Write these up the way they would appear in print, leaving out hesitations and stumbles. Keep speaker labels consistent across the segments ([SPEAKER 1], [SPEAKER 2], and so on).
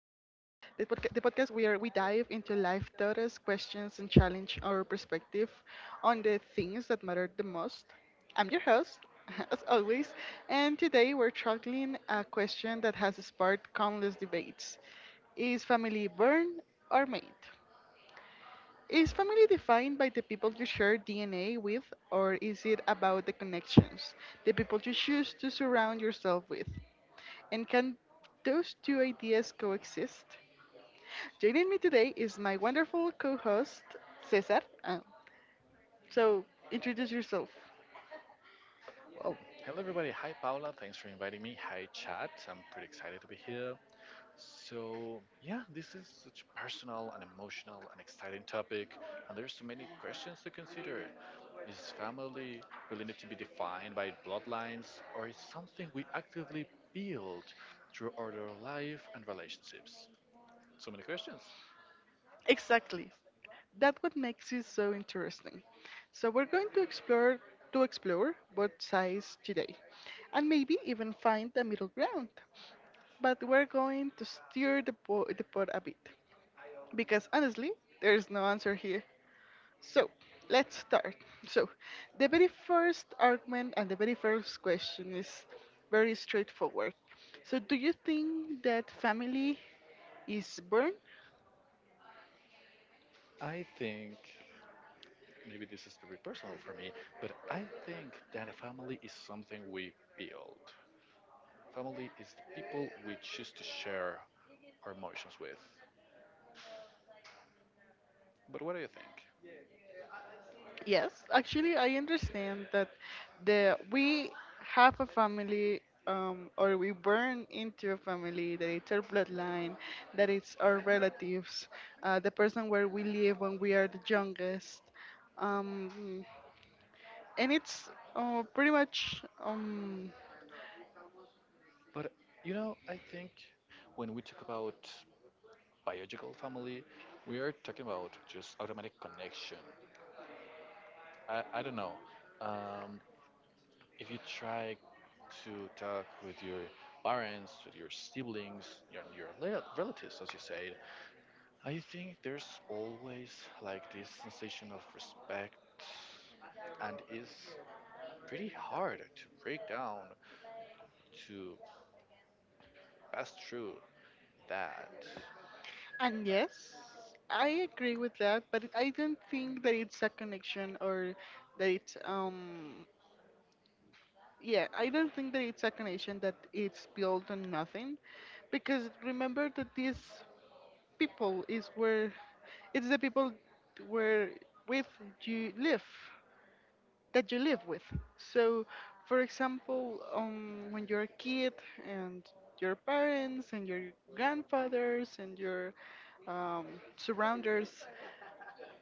[SPEAKER 1] the podcast where we dive into life taught us questions and challenge our perspective on the things that matter the most. I'm your host, as always, and today we're tackling a question that has sparked countless debates. Is family born or made? Is family defined by the people you share DNA with, or is it about the connections, the people you choose to surround yourself with? And can those two ideas coexist? Joining me today is my wonderful co host, Cesar. So, Introduce yourself.
[SPEAKER 2] Well, hello everybody. Hi Paula. Thanks for inviting me. Hi chat. I'm pretty excited to be here. So, yeah, this is such a personal and emotional and exciting topic, and there's so many questions to consider. Is family really need to be defined by bloodlines or is something we actively build through our life and relationships? So many questions.
[SPEAKER 1] Exactly. That's what makes you so interesting. So, we're going to explore both sides today and maybe even find the middle ground. But we're going to steer the pot a bit because honestly, there's no answer here. So let's start. So the very first argument and the very first question is very straightforward. So do you think that family is born?
[SPEAKER 2] I think maybe this is very personal for me, but I think that a family is something we build. Family is the people we choose to share our emotions with. But what do you think?
[SPEAKER 1] Yes, actually I understand that the we have a family, or we burn into a family that it's our bloodline, that it's our relatives, the person where we live when we are the youngest. Um, and it's pretty much
[SPEAKER 2] But you know, I think when we talk about biological family, we are talking about just automatic connection. I don't know. Um, if you try to talk with your parents, with your siblings, your relatives, as you said, I think there's always like this sensation of respect and is pretty hard to break down to pass through that.
[SPEAKER 1] and yes, I agree with that but I don't think that it's a connection or that it's yeah, I don't think that it's a connection that it's built on nothing because remember that these people is where it's the people where with you live that you live with. So, for example, when you're a kid and your parents and your grandfathers and your um, surrounders,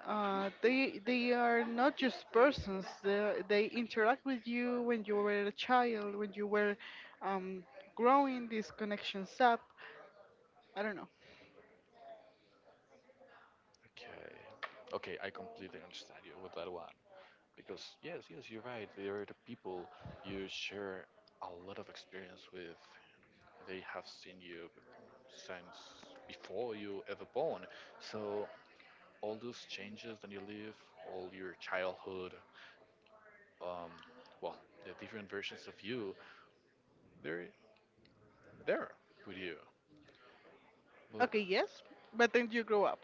[SPEAKER 1] they are not just persons. They interact with you when you were a child, when you were um, growing these connections up. I don't know.
[SPEAKER 2] Okay. Okay, I completely understand you with that one. Because, yes, yes, you're right. They are the people you share a lot of experience with. They have seen you since before you ever born. So, all those changes that you live, all your childhood, um, well, the different versions of you, they're there with you. But
[SPEAKER 1] Okay, yes, but then you grow up,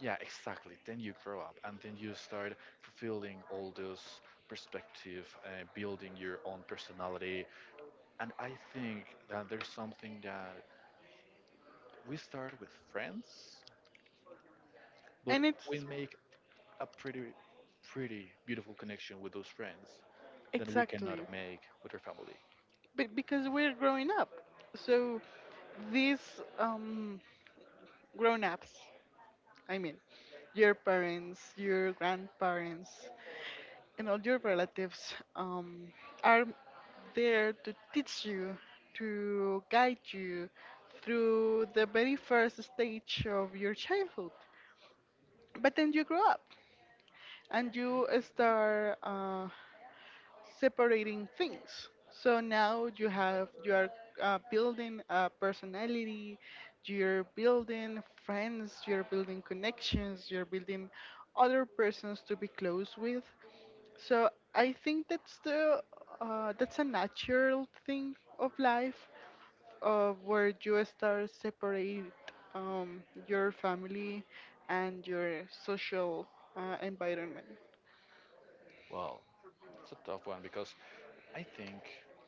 [SPEAKER 2] yeah, exactly. Then you grow up and then you start fulfilling all those perspective, building your own personality. And I think that there's something that we start with friends, but
[SPEAKER 1] and
[SPEAKER 2] mhm, we
[SPEAKER 1] it's
[SPEAKER 2] make a pretty beautiful connection with those friends that we cannot
[SPEAKER 1] exactly,
[SPEAKER 2] make with our family.
[SPEAKER 1] but because we're growing up, so these grown ups. I mean, your parents, your grandparents, and all your relatives are there to teach you, to guide you through the very first stage of your childhood. But then you grow up and you start separating things. So now you are building a personality, you're building friends, you're building connections, you're building other persons to be close with. So I think that's the that's a natural thing of life, where you start separate your family and your social environment.
[SPEAKER 2] Well, it's a tough one because I think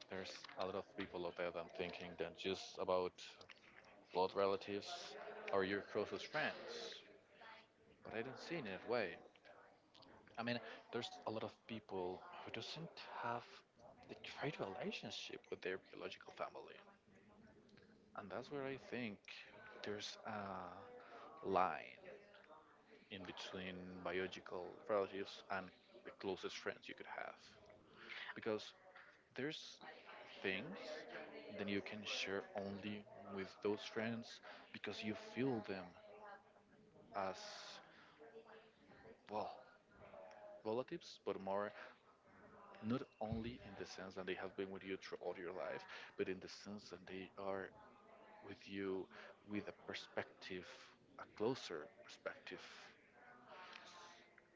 [SPEAKER 2] there's a lot of people out there that thinking that just about blood relatives are your closest friends, but I do not see it in that way. I mean, there's a lot of people who doesn't have the great relationship with their biological family, and that's where I think there's a line in between biological relatives and the closest friends you could have, because there's things that you can share only with those friends because you feel them as well relatives, but more not only in the sense that they have been with you through all your life, but in the sense that they are with you with a perspective, a closer perspective.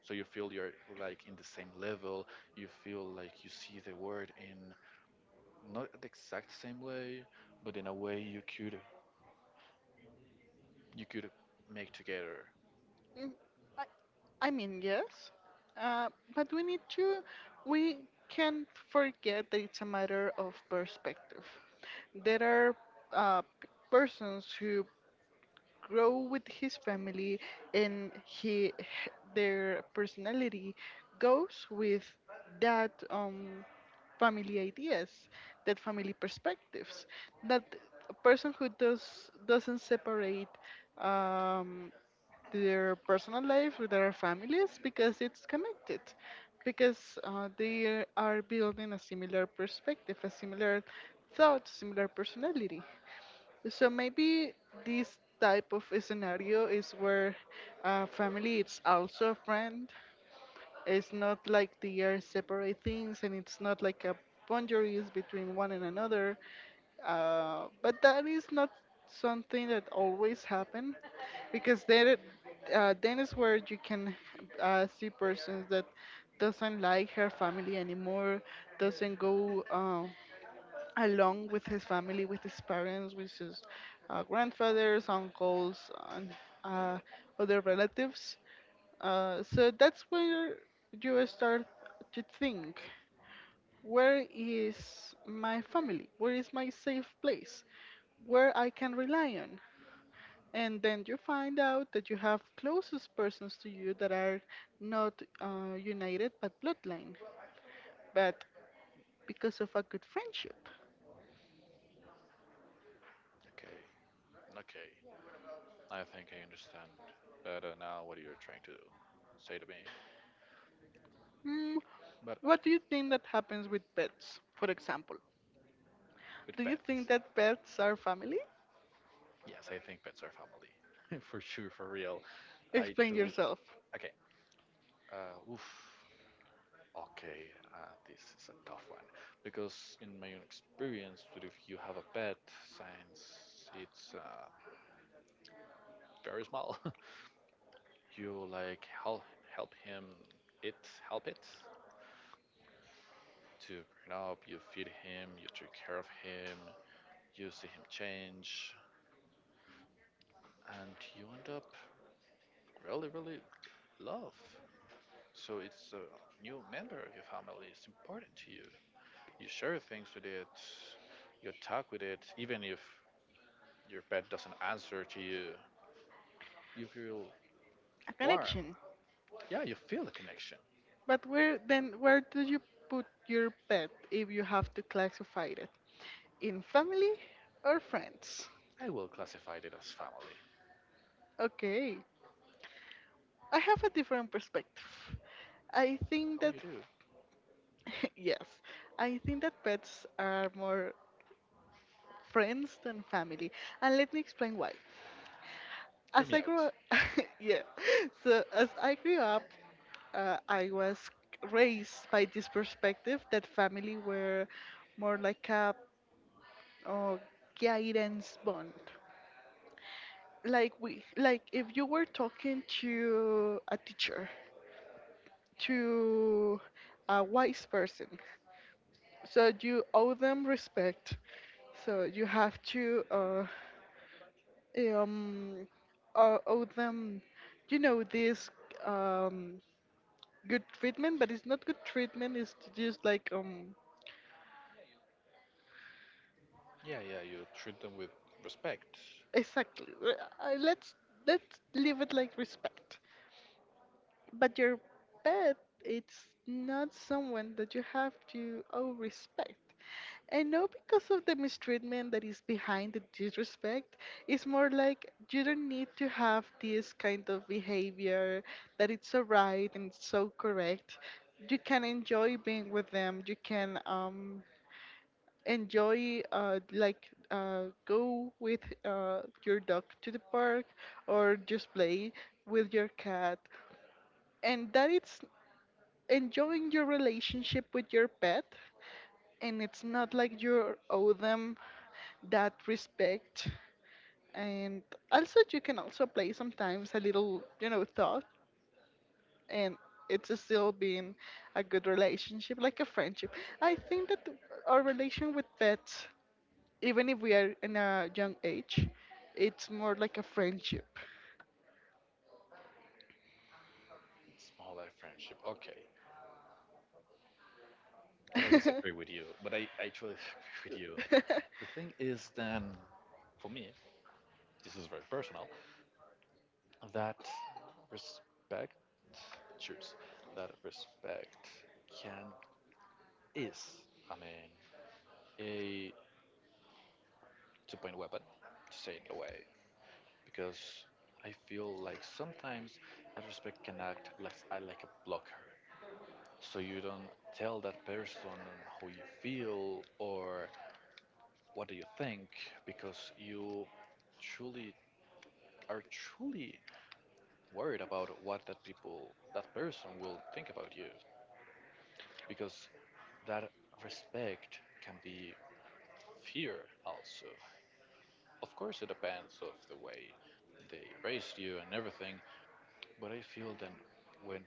[SPEAKER 2] So you feel you're like in the same level, you feel like you see the world in not the exact same way, but in a way you could make together.
[SPEAKER 1] Mm, I, I mean, yes, uh, but we can't forget that it's a matter of perspective. There are persons who grow with his family and he their personality goes with that family ideas, that family perspectives, that a person who doesn't separate um their personal life with their families because it's connected because they are building a similar perspective, a similar thought, similar personality. So maybe this type of scenario is where family is also a friend. It's not like they are separate things, and it's not like a boundaries between one and another. But that is not something that always happen, because then is where you can see persons that doesn't like her family anymore, doesn't go. Along with his family, with his parents, with his grandfathers, uncles, and uh, other relatives. So that's where you start to think, where is my family? Where is my safe place? Where I can rely on? And then you find out that you have closest persons to you that are not united but bloodline, but because of a good friendship.
[SPEAKER 2] Okay. Okay. I think I understand better now what you're trying to do. Say to me.
[SPEAKER 1] Hmm.
[SPEAKER 2] But
[SPEAKER 1] What do you think that happens with pets, for example?
[SPEAKER 2] with
[SPEAKER 1] Do you think
[SPEAKER 2] pets.
[SPEAKER 1] that pets are family?
[SPEAKER 2] Yes, I think pets are family. For sure, for real. I
[SPEAKER 1] Explain
[SPEAKER 2] truly.
[SPEAKER 1] yourself.
[SPEAKER 2] Okay. Oof. Okay, this is a tough one because, in my own experience, that if you have a pet, since it's very small, you like help him it help it to bring up. You feed him, you take care of him, you see him change, and you end up really, really love. So it's a new member of your family. It's important to you. You share things with it. You talk with it, even if your pet doesn't answer to you. You feel
[SPEAKER 1] A
[SPEAKER 2] warm.
[SPEAKER 1] connection.
[SPEAKER 2] Yeah, you feel the connection.
[SPEAKER 1] But where do you put your pet if you have to classify it? In family or friends?
[SPEAKER 2] I will classify it as family.
[SPEAKER 1] Okay. I have a different perspective. I think
[SPEAKER 2] Oh,
[SPEAKER 1] that
[SPEAKER 2] you do.
[SPEAKER 1] yes, I think that pets are more friends than family. And let me explain why.
[SPEAKER 2] Hear
[SPEAKER 1] As
[SPEAKER 2] me
[SPEAKER 1] I
[SPEAKER 2] out.
[SPEAKER 1] grew, yeah. So as I grew up, I was raised by this perspective that family were more like a uh, guidance bond. Like we, like if you were talking to a teacher, to a wise person, so you owe them respect. So you have to um, owe them, you know, this um, good treatment, but it's not good treatment. It's just like
[SPEAKER 2] Yeah, yeah. You treat them with respect.
[SPEAKER 1] exactly. Let's leave it like respect. But your pet, it's not someone that you have to owe respect. And no, because of the mistreatment that is behind the disrespect, it's more like you don't need to have this kind of behavior that it's so right and so correct. You can enjoy being with them. You can enjoy like go with your dog to the park or just play with your cat and that it's enjoying your relationship with your pet and it's not like you owe them that respect and also you can also play sometimes a little you know thought and it's still being a good relationship, like a friendship. I think that our relation with pets, even if we are in a young age, it's more like a friendship.
[SPEAKER 2] Small life friendship. Okay, but I disagree with you. But I truly disagree with you. The thing is, then, for me, this is very personal. that respect choose that respect can is I mean a two-point weapon to say it in a way, because I feel like sometimes that respect can act like a blocker, so you don't tell that person how you feel or what do you think, because you truly truly worried about what that person will think about you, because that respect can be fear also. Of course, it depends of the way they raised you and everything, but I feel then when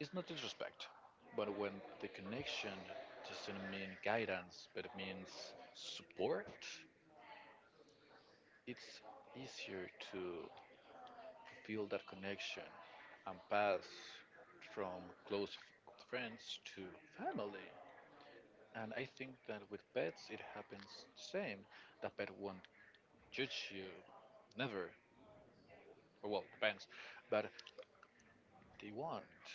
[SPEAKER 2] it's not disrespect, but when the connection doesn't mean guidance, but it means support, it's easier to feel that connection and pass from close friends to family. And I think that with pets it happens the same. The pet won't judge you, never. Or, well, depends, but they won't.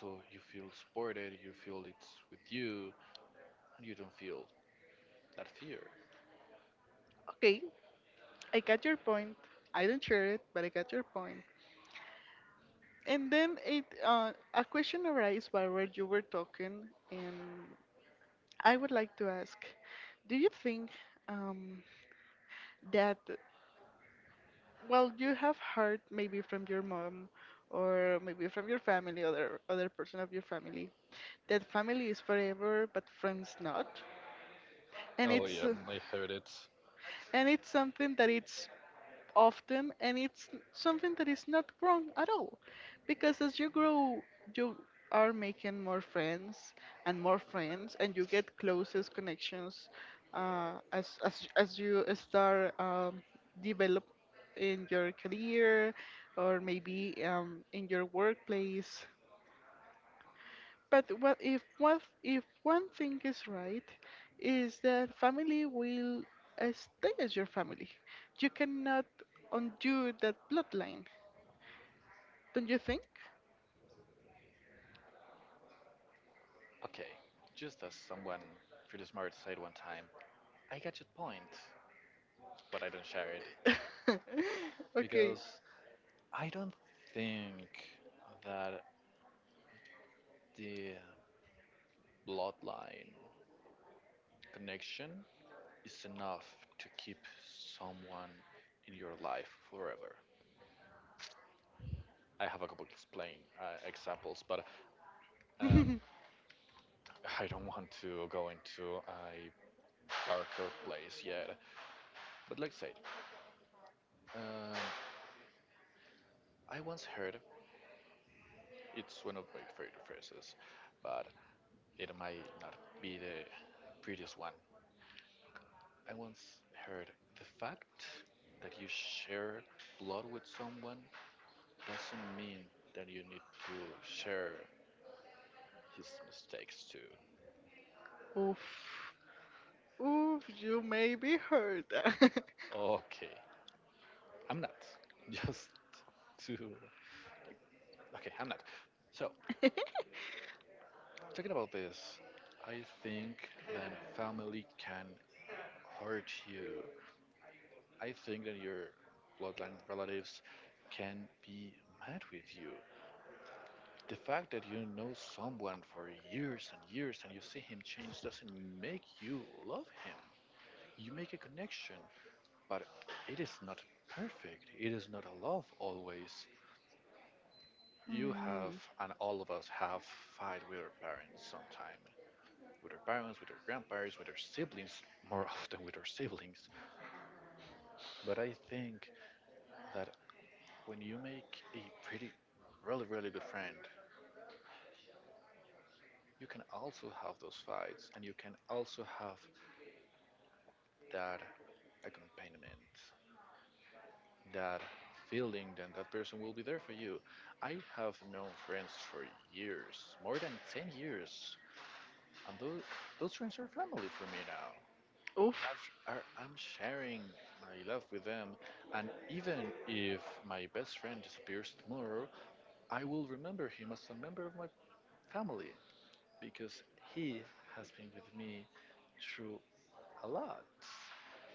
[SPEAKER 2] So you feel supported, you feel it's with you, and you don't feel that fear.
[SPEAKER 1] Okay, I got your point. I don't share it, but I got your point. And then it a question arises while where you were talking, and I would like to ask, do you think um, that, well, you have heard maybe from your mom or maybe from your family, other person of your family, that family is forever, but friends not. And
[SPEAKER 2] Oh
[SPEAKER 1] it's
[SPEAKER 2] yeah, I heard it.
[SPEAKER 1] and it's something that it's often and it's something that is not wrong at all because as you grow you are making more friends and you get closest connections as you start develop in your career or maybe in your workplace, but what if one thing is right, is that family will stay as your family. You cannot undo that bloodline, don't you think?
[SPEAKER 2] Okay, just as someone pretty smart said one time, I get your point, but I don't share it
[SPEAKER 1] Okay.
[SPEAKER 2] because I don't think that the bloodline connection is enough to keep someone in your life forever. I have a couple of explain examples, but um, I don't want to go into a darker place yet. But like I said, um, I once heard, it's one of my favorite phrases, but it might not be the prettiest one. I once heard the fact that you share blood with someone doesn't mean that you need to share his mistakes too.
[SPEAKER 1] Oof. Oof, you may be hurt.
[SPEAKER 2] Okay, I'm not. Just to. Okay, I'm not. So, talking about this, I think that family can hurt you. I think that your bloodline relatives can be mad with you. The fact that you know someone for years and years and you see him change doesn't make you love him. You make a connection, but it is not perfect. It is not a love always. You have,
[SPEAKER 1] Hmm.
[SPEAKER 2] and all of us have, fight with our parents sometime. With our parents, with our grandparents, with our siblings, more often with our siblings. But I think that when you make a pretty, really, really good friend, you can also have those fights and you can also have that accompaniment, that feeling that that person will be there for you. I have known friends for years, more than 10 years, and those friends are family for me now.
[SPEAKER 1] Oof.
[SPEAKER 2] I'm sharing my love with them, and even if my best friend disappears tomorrow, I will remember him as a member of my family because he has been with me through a lot.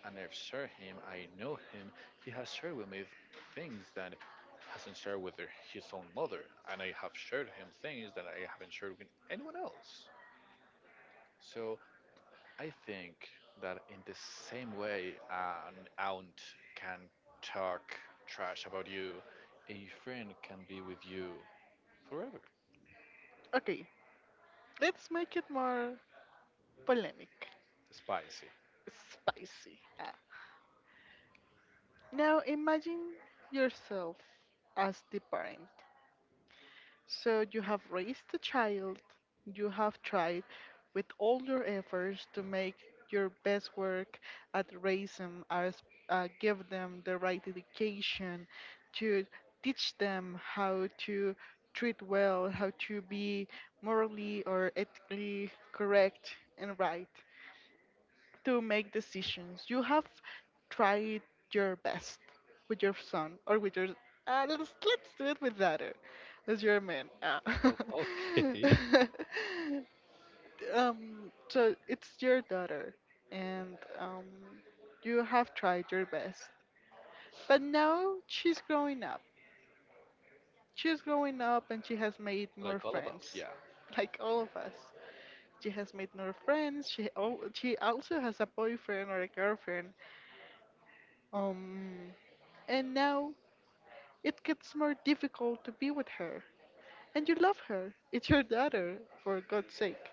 [SPEAKER 2] And I've shared him, I know him, he has shared with me things that hasn't shared with his own mother, and I have shared him things that I haven't shared with anyone else. So I think that in the same way an aunt can talk trash about you, a friend can be with you forever.
[SPEAKER 1] Okay, let's make it more polemic,
[SPEAKER 2] Spicy.
[SPEAKER 1] spicy. Ah. Now imagine yourself as the parent. So you have raised the child, you have tried with all your efforts to make your best work at raise them, give them the right education, to teach them how to treat well, how to be morally or ethically correct and right to make decisions. You have tried your best with your son or with your. Let's do it with daughter, as your man.
[SPEAKER 2] Oh, okay.
[SPEAKER 1] Um. So it's your daughter, and you have tried your best. But now she's growing up. She's growing up, and she has made more
[SPEAKER 2] Like all of us.
[SPEAKER 1] friends,
[SPEAKER 2] Yeah.
[SPEAKER 1] like all of us. She has made more friends. She also has a boyfriend or a girlfriend. Um, And now it gets more difficult to be with her. And you love her. It's your daughter, for God's sake.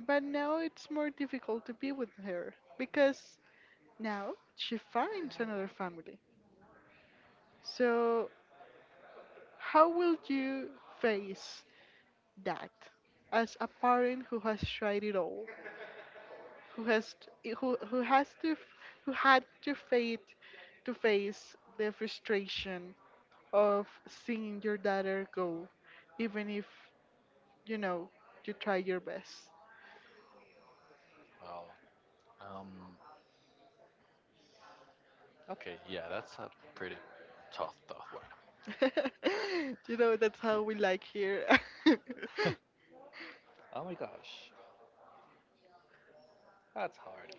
[SPEAKER 1] But now it's more difficult to be with her because now she finds another family. So, how will you face that as a parent who has tried it all, who has who has to who had to face the frustration of seeing your daughter go, even if you know, you try your best.
[SPEAKER 2] Well, um, okay, yeah, that's a pretty tough one.
[SPEAKER 1] You know, that's how we like here.
[SPEAKER 2] Oh my gosh, that's hard.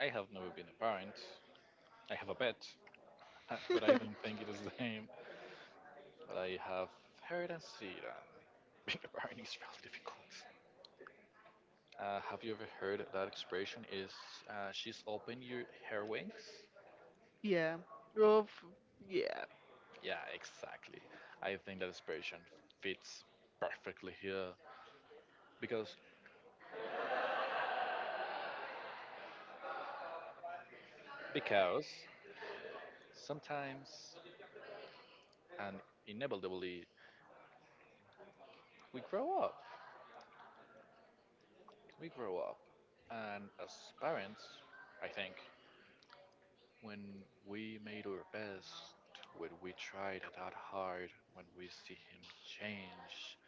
[SPEAKER 2] I have never been a parent. I have a pet, but I don't think it is the same. But I have heard and seen being a parent is really difficult. Have you ever heard that expression? Is she's open your her wings?
[SPEAKER 1] Yeah. Well, f- yeah.
[SPEAKER 2] Yeah, exactly. I think that expression fits perfectly here because because sometimes and inevitably we grow up. We grow up, and as parents, I think when we made our best, when we tried that hard, when we see him change,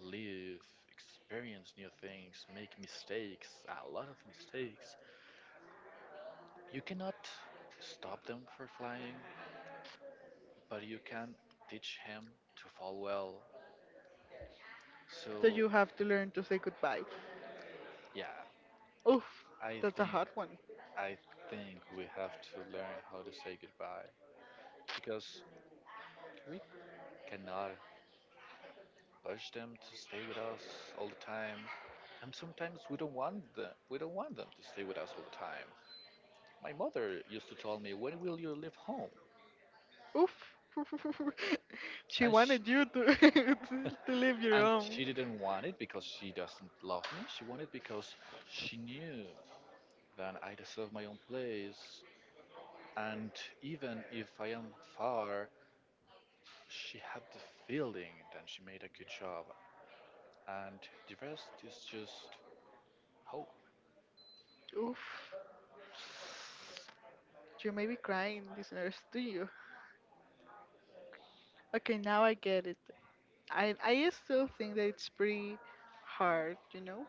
[SPEAKER 2] live, experience new things, make mistakes, a lot of mistakes, you cannot stop them for flying, but you can teach him to fall well.
[SPEAKER 1] So
[SPEAKER 2] So
[SPEAKER 1] you have to learn to say goodbye.
[SPEAKER 2] yeah,
[SPEAKER 1] Oof,
[SPEAKER 2] I
[SPEAKER 1] that's a
[SPEAKER 2] think
[SPEAKER 1] hard one.
[SPEAKER 2] I think we have to learn how to say goodbye because we cannot push them to stay with us all the time. And sometimes we don't want them. We don't want them to stay with us all the time. My mother used to tell me, "When will you leave home?"
[SPEAKER 1] Oof. She
[SPEAKER 2] And
[SPEAKER 1] wanted you to to leave your home.
[SPEAKER 2] she didn't want it because she doesn't love me. She wanted it because she knew that I deserve my own place. And even if I am far, she had the feeling that she made a good job. And the rest is just hope.
[SPEAKER 1] Oof. You may be crying, listeners, do you? Okay, now I get it. I still think that it's pretty hard, you know?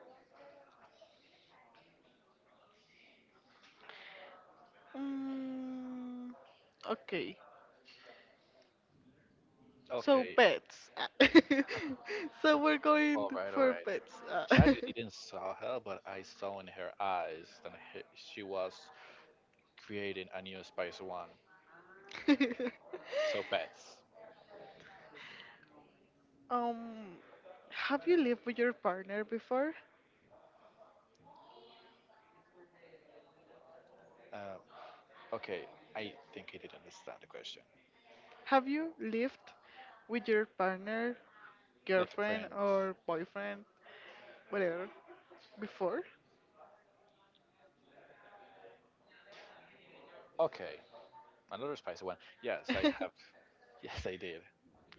[SPEAKER 1] Mm, okay. So
[SPEAKER 2] Okay.
[SPEAKER 1] pets. Ah. So we're
[SPEAKER 2] All
[SPEAKER 1] going
[SPEAKER 2] right. All
[SPEAKER 1] for
[SPEAKER 2] right.
[SPEAKER 1] pets. Ah.
[SPEAKER 2] Chad, you didn't saw her, but I saw in her eyes that she was creating a new Spice One. So pets.
[SPEAKER 1] um, have you lived with your partner before?
[SPEAKER 2] Uh, okay, I think he didn't understand the question.
[SPEAKER 1] Have you lived with your partner,
[SPEAKER 2] Like a
[SPEAKER 1] girlfriend
[SPEAKER 2] friend.
[SPEAKER 1] or boyfriend, whatever, before?
[SPEAKER 2] Okay, another Spice One. Yes, I have. Yes, I did.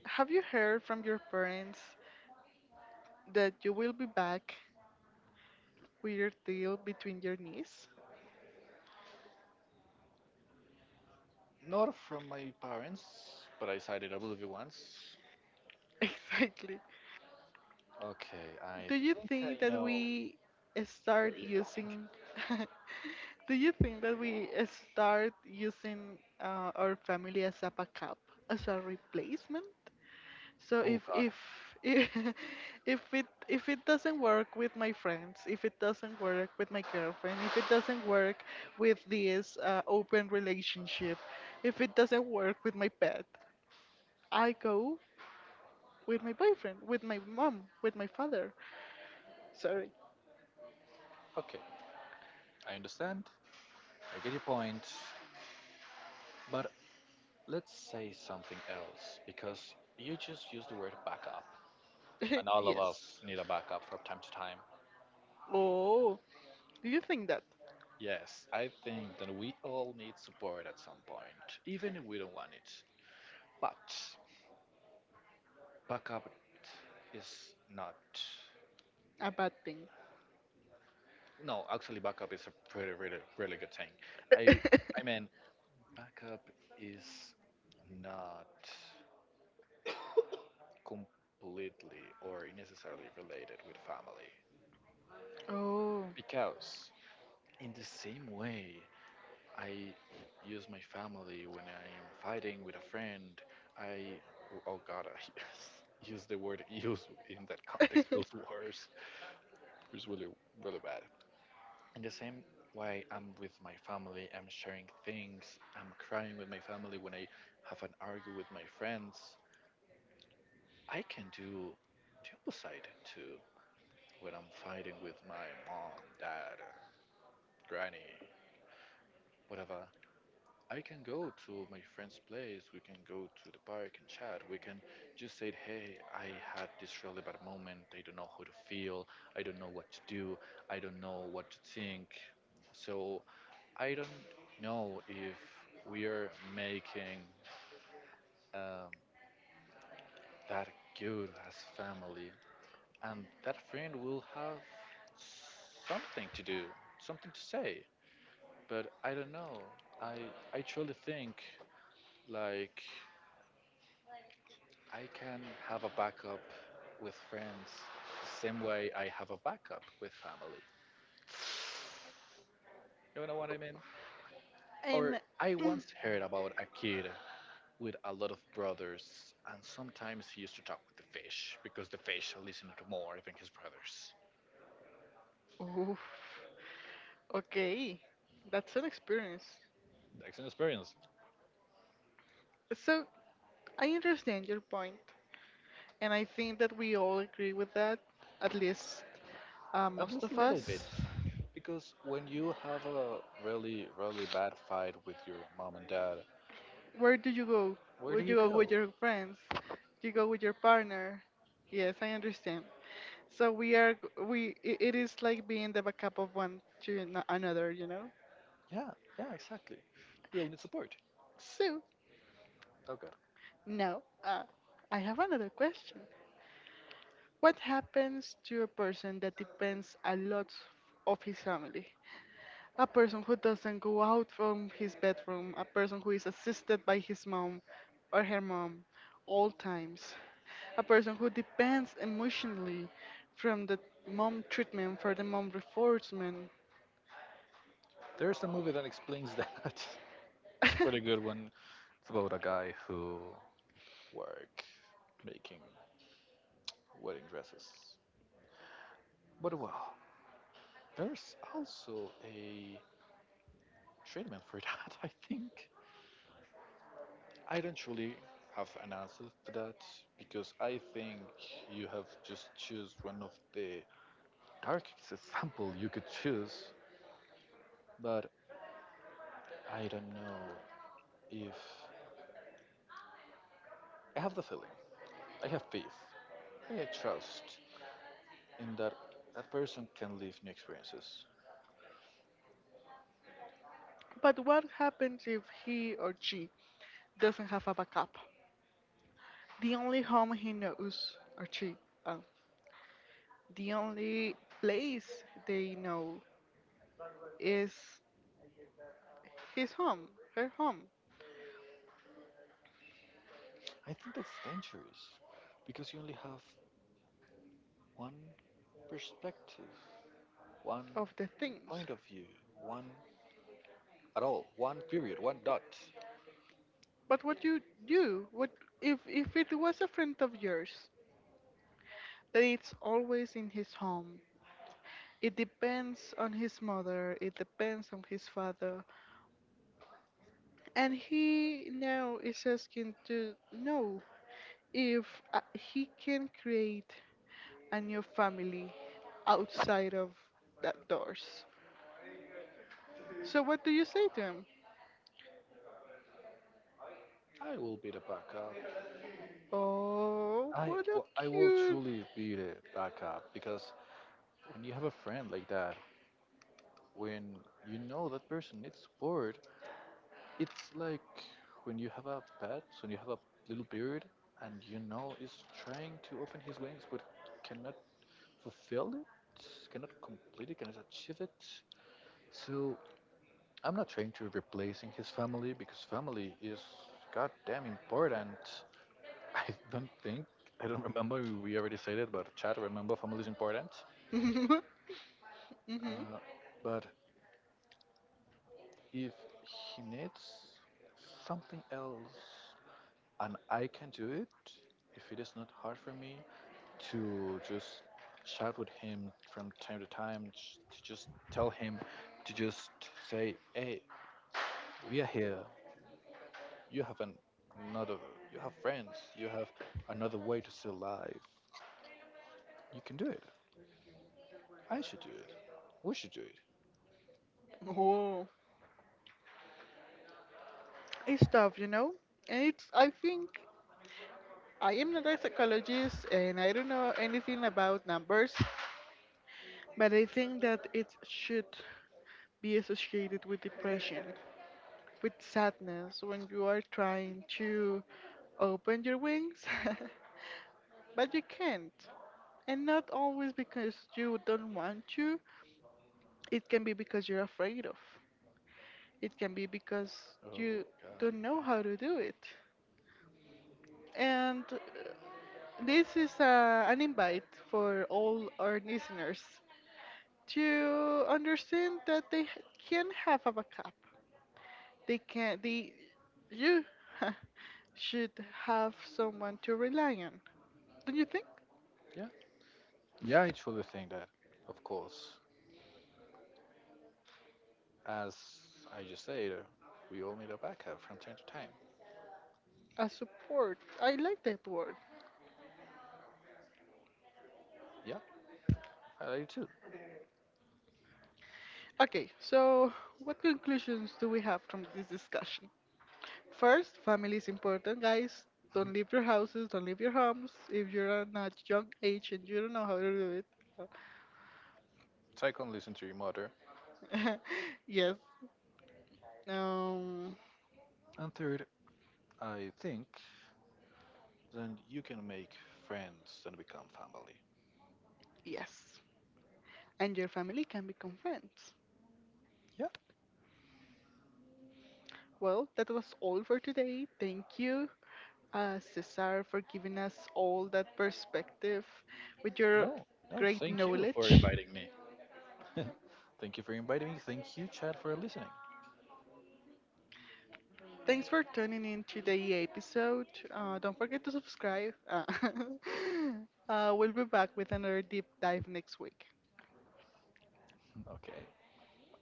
[SPEAKER 1] Have you heard from your parents that you will be back weird deal between your knees.
[SPEAKER 2] Not from my parents, but I signed a movie once.
[SPEAKER 1] Exactly.
[SPEAKER 2] Okay, I
[SPEAKER 1] Do you
[SPEAKER 2] think I
[SPEAKER 1] think that
[SPEAKER 2] know
[SPEAKER 1] we
[SPEAKER 2] where
[SPEAKER 1] start
[SPEAKER 2] you're going.
[SPEAKER 1] using Do you think that we start using our family as a backup, as a replacement? So
[SPEAKER 2] Oh
[SPEAKER 1] if
[SPEAKER 2] God.
[SPEAKER 1] if if if it doesn't work with my friends, if it doesn't work with my girlfriend, if it doesn't work with this open relationship, if it doesn't work with my pet, I go with my boyfriend, with my mom, with my father. Sorry.
[SPEAKER 2] Okay, I understand. I get your point, but let's say something else because you just used the word backup, and all of us
[SPEAKER 1] Yes.
[SPEAKER 2] need a backup from time to time.
[SPEAKER 1] Oh, do you think that
[SPEAKER 2] Yes, I think that we all need support at some point, even if we don't want it. But backup is not.
[SPEAKER 1] a bad thing?
[SPEAKER 2] No, actually, backup is a pretty, really, really good thing. I, I mean, backup is not completely or necessarily related with family
[SPEAKER 1] Oh.
[SPEAKER 2] because in the same way I use my family when I am fighting with a friend. I, oh God, I use the word use in that context feels worse. It's really, really bad. In the same way, I'm with my family, I'm sharing things, I'm crying with my family when I have an argument with my friends. I can do the opposite too when I'm fighting with my mom, dad, granny, whatever. I can go to my friend's place, we can go to the park and chat. We can just say, hey, I had this really bad moment. I don't know how to feel. I don't know what to do. I don't know what to think. So I don't know if we are making um, that good as family. And that friend will have something to do, something to say. But I don't know. I, I truly think like I can have a backup with friends the same way I have a backup with family. You know what I mean?
[SPEAKER 1] Um.
[SPEAKER 2] Or I once heard about a kid with a lot of brothers, and sometimes he used to talk with the fish because the fish listened to more than his brothers.
[SPEAKER 1] Oof. Okay, that's an experience.
[SPEAKER 2] That's an experience,
[SPEAKER 1] So I understand your point, and I think that we all agree with that, at least
[SPEAKER 2] at
[SPEAKER 1] most
[SPEAKER 2] least a
[SPEAKER 1] of
[SPEAKER 2] little bit.
[SPEAKER 1] us.
[SPEAKER 2] Because when you have a really, really bad fight with your mom and dad,
[SPEAKER 1] Where do you go?
[SPEAKER 2] where do
[SPEAKER 1] Would
[SPEAKER 2] you
[SPEAKER 1] you go
[SPEAKER 2] go?
[SPEAKER 1] with your friends? Do you go with your partner? Yes, I understand. So we are it is like being the backup of one to another, you know.
[SPEAKER 2] Yeah, yeah, exactly. We all need support.
[SPEAKER 1] So
[SPEAKER 2] Oh, God.
[SPEAKER 1] now I have another question. What happens to a person that depends a lot of his family? A person who doesn't go out from his bedroom, a person who is assisted by his mom or her mom all times, a person who depends emotionally from the mom treatment for the mom reinforcement.
[SPEAKER 2] There's a movie that explains that. It's a pretty good one. It's about a guy who work making wedding dresses. But well, there's also a treatment for that, I think. I don't really have an answer to that because I think you have just choose one of the darkest example you could choose. But I don't know if I have the feeling. I have faith. I trust in that that person can live new experiences.
[SPEAKER 1] But what happens if he or she doesn't have a backup? The only home he knows or she, uh, the only place they know is his home, her home
[SPEAKER 2] I think that's dangerous because you only have one perspective, one
[SPEAKER 1] of the things.
[SPEAKER 2] point of view, one at all, one period, one dot.
[SPEAKER 1] But what you do, what if it was a friend of yours that it's always in his home? It depends on his mother, it depends on his father, and he now is asking to know if he can create a new family outside of that doors. So what do you say to him?
[SPEAKER 2] I will be the backup.
[SPEAKER 1] Oh, what a
[SPEAKER 2] I will
[SPEAKER 1] cute.
[SPEAKER 2] truly be the backup because when you have a friend like that, when you know that person needs support, it's like when you have a pet, when you have a little bird, and you know is trying to open his wings but cannot fulfill it, cannot complete it, cannot achieve it. So I'm not trying to replacing his family because family is goddamn important. I don't think I don't remember we already said it, but chat remember family is important.
[SPEAKER 1] Mhm.
[SPEAKER 2] Uh, but if he needs something else and I can do it, if it is not hard for me to just chat with him from time to time, to just tell him to just say, hey, we are here. You have an, another. You have friends. You have another way to see life. You can do it. I should do it. We should do it.
[SPEAKER 1] Oh. It's tough, you know, and it's. I think I am not a psychologist, and I don't know anything about numbers, but I think that it should be associated with depression, with sadness, when you are trying to open your wings, but you can't. And not always because you don't want to, it can be because you're afraid of. It can be because you
[SPEAKER 2] Oh God.
[SPEAKER 1] don't know how to do it. And this is an invite for all our listeners to understand that can have a backup. They can, they, you should have someone to rely on. Don't you think?
[SPEAKER 2] Yeah. Yeah, I truly think that. Of course, as I just said, we all need a backup from time to time.
[SPEAKER 1] A support. I like that word.
[SPEAKER 2] Yeah, I do too.
[SPEAKER 1] Okay, so what conclusions do we have from this discussion? First, family is important, guys. Don't leave your houses, don't leave your homes. If you're on a young age and you don't know how to do it,
[SPEAKER 2] Second, listen to your mother.
[SPEAKER 1] uh, yes, um,
[SPEAKER 2] And third, I think then you can make friends and become family.
[SPEAKER 1] yes. And your family can become friends.
[SPEAKER 2] Yeah.
[SPEAKER 1] Well, that was all for today. Thank you, Cesar, for giving us all that perspective with your
[SPEAKER 2] No, no,
[SPEAKER 1] great
[SPEAKER 2] thank you for
[SPEAKER 1] knowledge.
[SPEAKER 2] inviting me. Thank you for inviting me. Thank you, Chad, for listening.
[SPEAKER 1] Thanks for tuning in to the episode. Don't forget to subscribe. We'll be back with another deep dive next week.
[SPEAKER 2] Okay.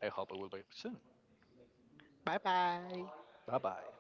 [SPEAKER 2] I hope I will be back soon.
[SPEAKER 1] Bye bye.
[SPEAKER 2] Bye bye.